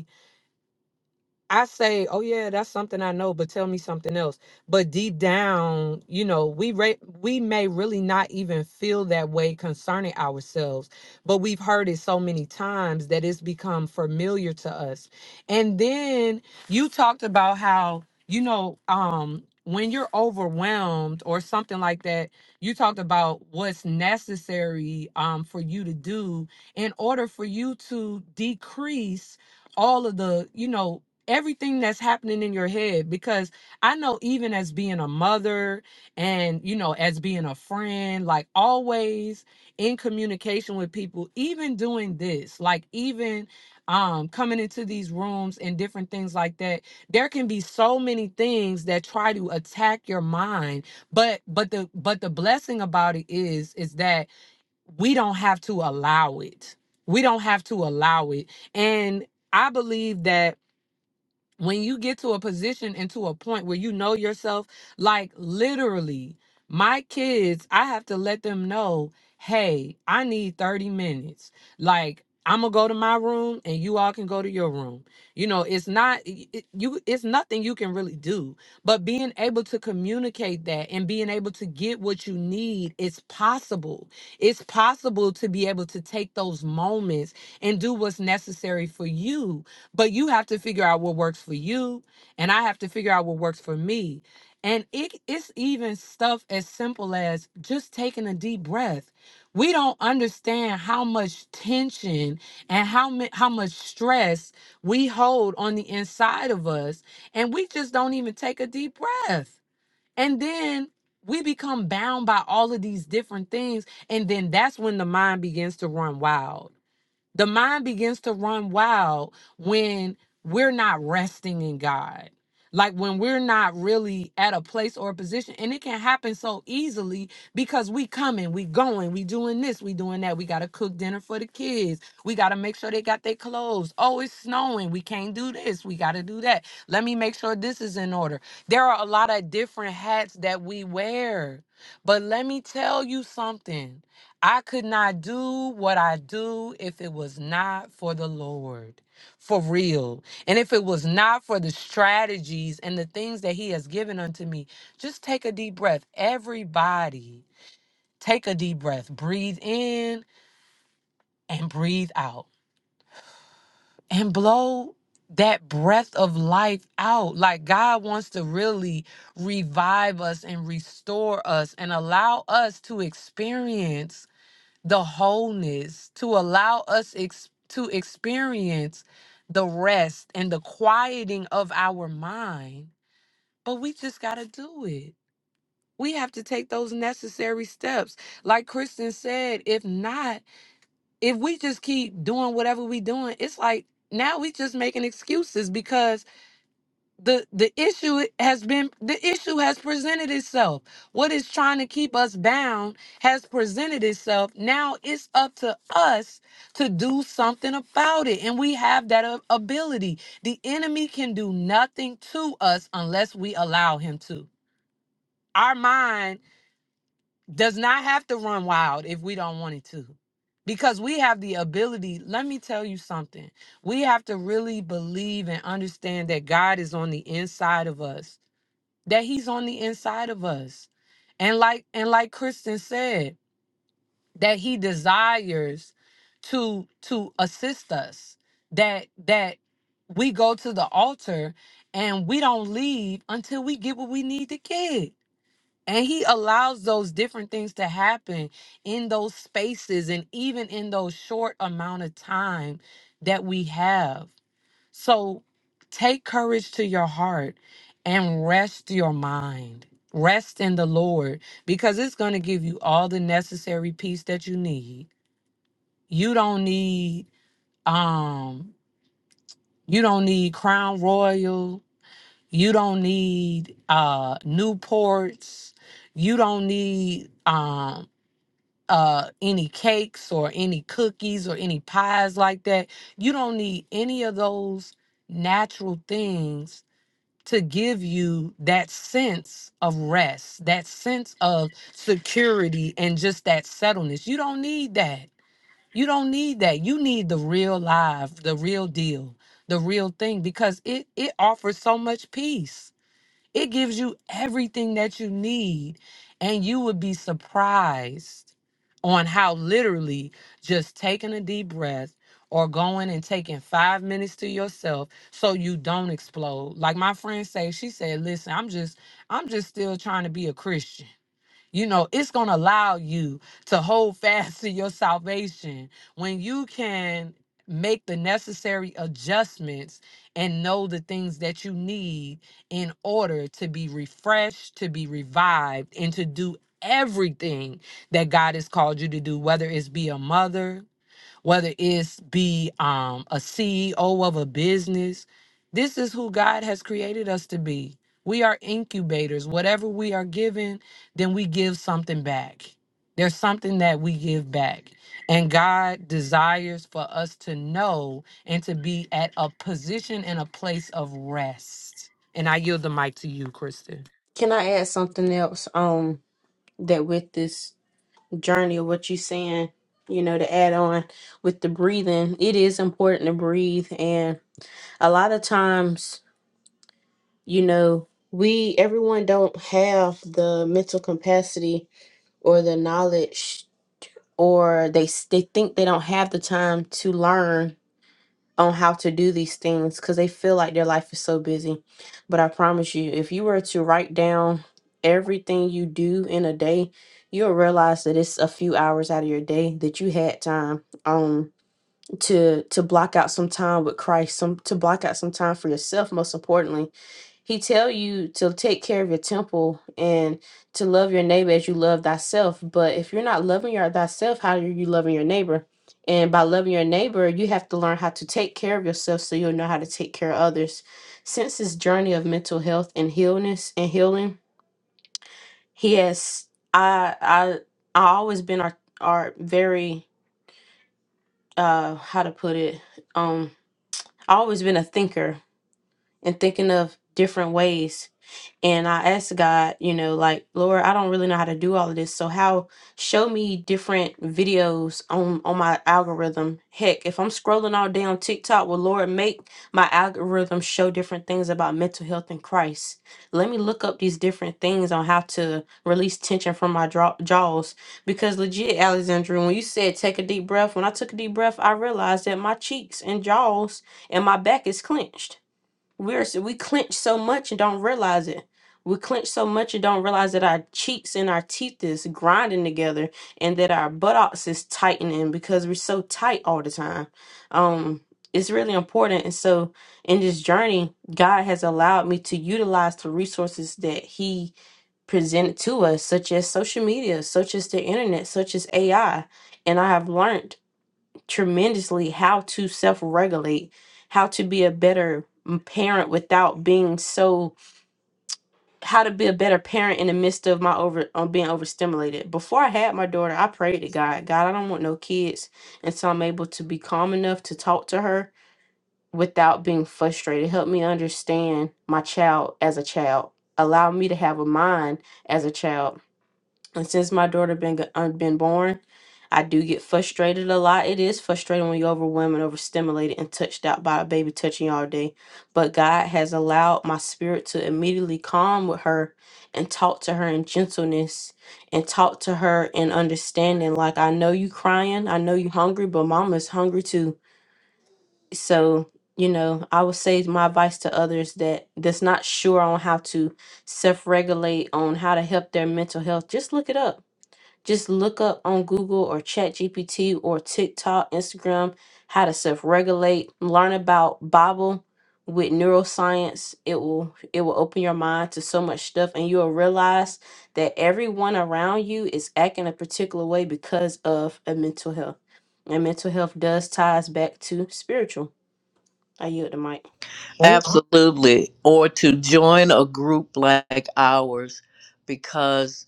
Speaker 1: I say, oh yeah, that's something I know, but tell me something else. But deep down, you know, we re- we may really not even feel that way concerning ourselves, but we've heard it so many times that it's become familiar to us. And then you talked about how, you know, um when you're overwhelmed or something like that, you talked about what's necessary um for you to do in order for you to decrease all of the you know everything that's happening in your head because I know even as being a mother and you know as being a friend like always in communication with people even doing this like even um coming into these rooms and different things like that there can be so many things that try to attack your mind but but the but the blessing about it is is that we don't have to allow it we don't have to allow it and I believe that when you get to a position and to a point where you know yourself, like literally, my kids, I have to let them know, hey, I need 30 minutes. Like, I'm gonna go to my room and you all can go to your room. You know, it's not it, it- you it's nothing you can really do, but being able to communicate that and being able to get what you need, it's possible. It's possible to be able to take those moments and do what's necessary for you but you have to figure out what works for you and i have to figure out what works for me and it, it's even stuff as simple as just taking a deep breath we don't understand how much tension and how mu- how much stress we hold on the inside of us and we just don't even take a deep breath and then we become bound by all of these different things and then that's when the mind begins to run wild the mind begins to run wild when we're not resting in God. Like when we're not really at a place or a position, and it can happen so easily because we coming, we going, we doing this, we doing that. We gotta cook dinner for the kids. We gotta make sure they got their clothes. Oh, it's snowing. We can't do this. We gotta do that. Let me make sure this is in order. There are a lot of different hats that we wear. But let me tell you something. I could not do what I do if it was not for the Lord, for real. And if it was not for the strategies and the things that He has given unto me, just take a deep breath. Everybody, take a deep breath. Breathe in and breathe out and blow that breath of life out. Like God wants to really revive us and restore us and allow us to experience the wholeness, to allow us ex- to experience the rest and the quieting of our mind. But we just got to do it. We have to take those necessary steps. Like Kristen said, if not, if we just keep doing whatever we doing, it's like now we just making excuses because the the issue has been the issue has presented itself what is trying to keep us bound has presented itself now it's up to us to do something about it and we have that a- ability the enemy can do nothing to us unless we allow him to our mind does not have to run wild if we don't want it to because we have the ability let me tell you something we have to really believe and understand that god is on the inside of us that he's on the inside of us. And like and like Kristen said, that he desires to to assist us. That that we go to the altar and we don't leave until we get what we need to get. And he allows those different things to happen in those spaces and even in those short amount of time that we have. So take courage to your heart and rest your mind. Rest in the Lord because it's going to give you all the necessary peace that you need. You don't need um you don't need Crown Royal, you don't need uh Newports, you don't need um uh any cakes or any cookies or any pies like that. You don't need any of those natural things to give you that sense of rest, that sense of security, and just that settledness. You don't need that. You don't need that. You need the real life, the real deal, the real thing, because it it offers so much peace it gives you everything that you need, and you would be surprised on how literally just taking a deep breath or going and taking five minutes to yourself so you don't explode. Like my friend say, she said, listen, I'm just, I'm just still trying to be a Christian. You know, it's going to allow you to hold fast to your salvation when you can make the necessary adjustments and know the things that you need in order to be refreshed, to be revived, and to do everything that God has called you to do, whether it's be a mother, whether it's be um, a CEO of a business. This is who God has created us to be. We are incubators. Whatever we are given, then we give something back. There's something that we give back. And God desires for us to know and to be at a position and a place of rest. And I yield the mic to you, Kristen.
Speaker 2: Can I add something else? Um, that with this journey of what you're saying, you know, to add on with the breathing, it is important to breathe and a lot of times you know we everyone don't have the mental capacity or the knowledge or they s- they think they don't have the time to learn on how to do these things cuz they feel like their life is so busy but i promise you if you were to write down everything you do in a day you'll realize that it's a few hours out of your day that you had time um to to block out some time with Christ some to block out some time for yourself most importantly He tell you to take care of your temple and to love your neighbor as you love thyself. But if you're not loving your thyself, how are you loving your neighbor? And by loving your neighbor, you have to learn how to take care of yourself so you'll know how to take care of others. Since this journey of mental health and healness and healing, he has I I I always been our are very uh how to put it um I always been a thinker and thinking of different ways And I asked God, you know, like, Lord, I don't really know how to do all of this. So how show me different videos on on my algorithm. Heck, if I'm scrolling all day on TikTok, well, Lord, make my algorithm show different things about mental health in Christ. Let me look up these different things on how to release tension from my draw- jaws. Because legit, Alexandra, when you said take a deep breath, when I took a deep breath, I realized that my cheeks and jaws and my back is clenched. We're s- we clench so much and don't realize it. We clench so much and don't realize that our cheeks and our teeth is grinding together and that our buttocks is tightening because we're so tight all the time. Um, it's really important. And so in this journey, God has allowed me to utilize the resources that He presented to us, such as social media, such as the internet, such as AI. And I have learned tremendously how to self regulate, how to be a better m- parent without being so, how to be a better parent in the midst of my over on being overstimulated. Before I had my daughter, I prayed to God, God, I don't want no kids. And so I'm able to be calm enough to talk to her without being frustrated. Help me understand my child as a child. Allow me to have a mind as a child and since my daughter been g- uh, been born, I do get frustrated a lot. It is frustrating when you're overwhelmed and overstimulated and touched out by a baby touching you all day. But God has allowed my spirit to immediately calm with her and talk to her in gentleness and talk to her in understanding. Like I know you crying, I know you hungry, but mama's hungry too. So you know, I would say my advice to others that that's not sure on how to self-regulate on how to help their mental health. Just look it up just look up on Google or ChatGPT or TikTok, Instagram, how to self-regulate, learn about Bible with neuroscience. It will it will open your mind to so much stuff and you'll realize that everyone around you is acting a particular way because of a mental health. And mental health does ties back to spiritual. I yield the mic.
Speaker 3: Absolutely. Or to join a group like ours because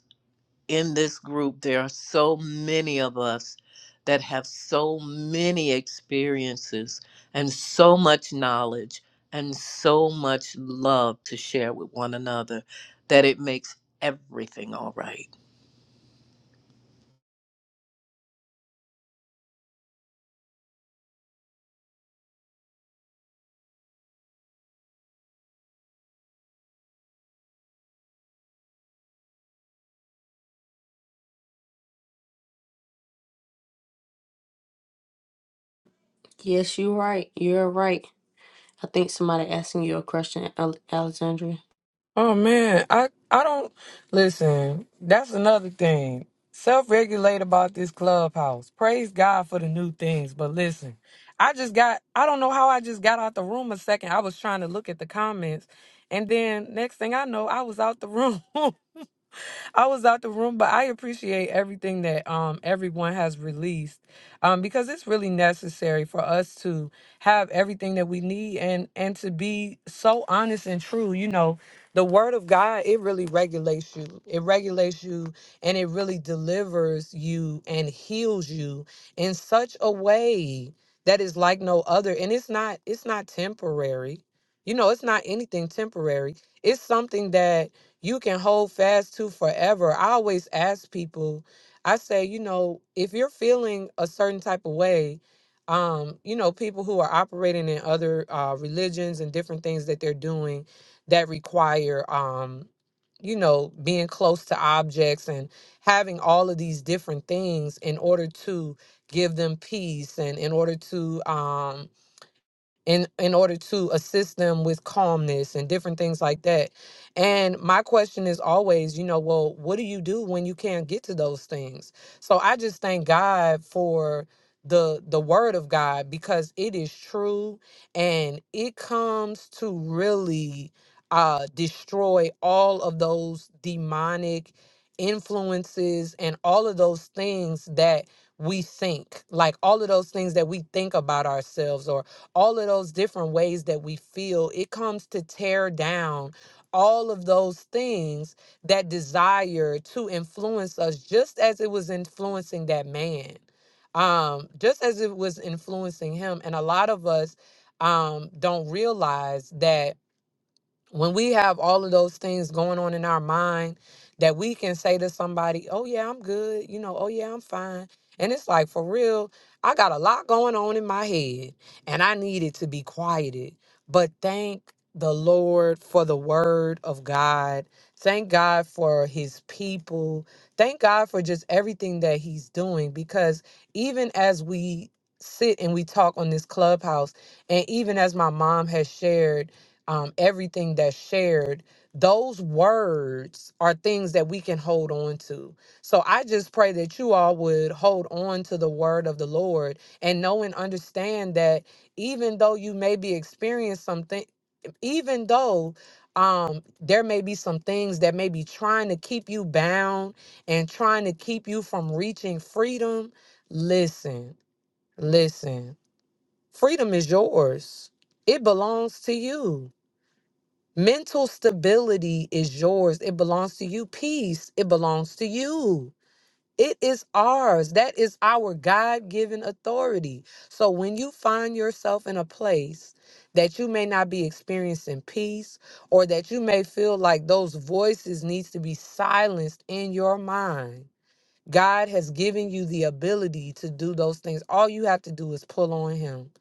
Speaker 3: in this group there are so many of us that have so many experiences and so much knowledge and so much love to share with one another that it makes everything all right.
Speaker 2: Yes, you're right. You're right. I think somebody asking you a question, Al- Alexandria.
Speaker 1: Oh man, I I don't listen. That's another thing. Self-regulate about this clubhouse. Praise God for the new things, but listen, I just got I don't know how I just got out the room a second. I was trying to look at the comments, and then next thing I know, I was out the room. I was out the room, but I appreciate everything that um everyone has released. Um, because it's really necessary for us to have everything that we need and and to be so honest and true. You know, the word of God, it really regulates you. It regulates you and it really delivers you and heals you in such a way that is like no other. And it's not it's not temporary. You know, it's not anything temporary. It's something that you can hold fast to forever. I always ask people, I say, you know, if you're feeling a certain type of way, um, you know, people who are operating in other uh, religions and different things that they're doing that require, um, you know, being close to objects and having all of these different things in order to give them peace and in order to, um, in in order to assist them with calmness and different things like that and my question is always you know well what do you do when you can't get to those things so i just thank god for the the word of god because it is true and it comes to really uh destroy all of those demonic influences and all of those things that we think like all of those things that we think about ourselves or all of those different ways that we feel, it comes to tear down all of those things that desire to influence us, just as it was influencing that man, um, just as it was influencing him. And a lot of us um, don't realize that when we have all of those things going on in our mind that we can say to somebody, oh, yeah, I'm good, you know, oh, yeah, I'm fine. And it's like, for real, I got a lot going on in my head and I needed to be quieted. But thank the Lord for the word of God. Thank God for his people. Thank God for just everything that he's doing because even as we sit and we talk on this clubhouse, and even as my mom has shared, um, everything that's shared, those words are things that we can hold on to. So I just pray that you all would hold on to the word of the Lord and know and understand that even though you may be experiencing something, even though um there may be some things that may be trying to keep you bound and trying to keep you from reaching freedom listen listen freedom is yours it belongs to you Mental stability is yours. It belongs to you. Peace, it belongs to you. It is ours. That is our God given authority. So when you find yourself in a place that you may not be experiencing peace or that you may feel like those voices needs to be silenced in your mind, God has given you the ability to do those things. All you have to do is pull on Him.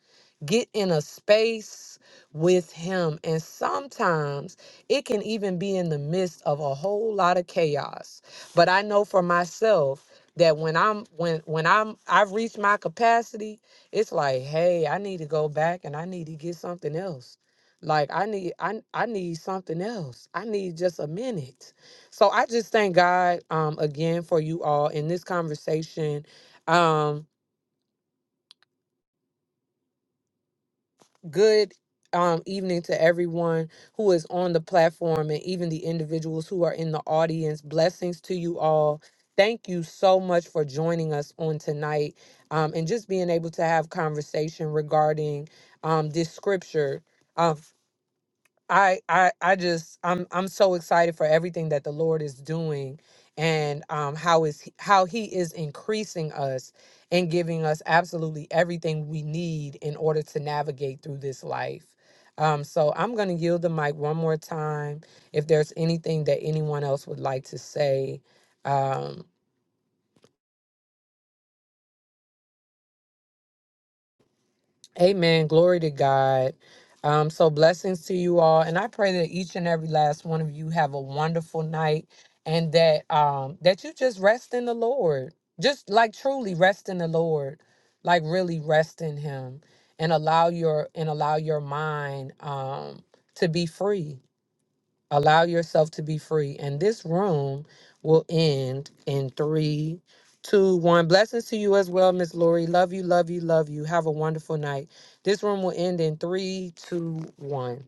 Speaker 1: Get in a space with Him. And sometimes it can even be in the midst of a whole lot of chaos. But I know for myself that when I'm when when I'm I've reached my capacity, it's like, hey, I need to go back and I need to get something else. Like I need I I need something else. I need just a minute so I just thank God um again for you all in this conversation. Um good um evening to everyone who is on the platform and even the individuals who are in the audience. Blessings to you all. Thank you so much for joining us on tonight um, and just being able to have conversation regarding um, this scripture. um, I I I just I'm I'm so excited for everything that the Lord is doing and um how is he, how he is increasing us and giving us absolutely everything we need in order to navigate through this life. Um so I'm going to yield the mic one more time if there's anything that anyone else would like to say. Um, Amen. Glory to God. Um, so blessings to you all, and I pray that each and every last one of you have a wonderful night, and that um that you just rest in the Lord, just like truly rest in the Lord, like really rest in Him, and allow your and allow your mind um to be free Allow yourself to be free. And this room will end in three, two, one. Blessings to you as well, Miss Lori. Love you, love you, love you. Have a wonderful night. This room will end in three, two, one.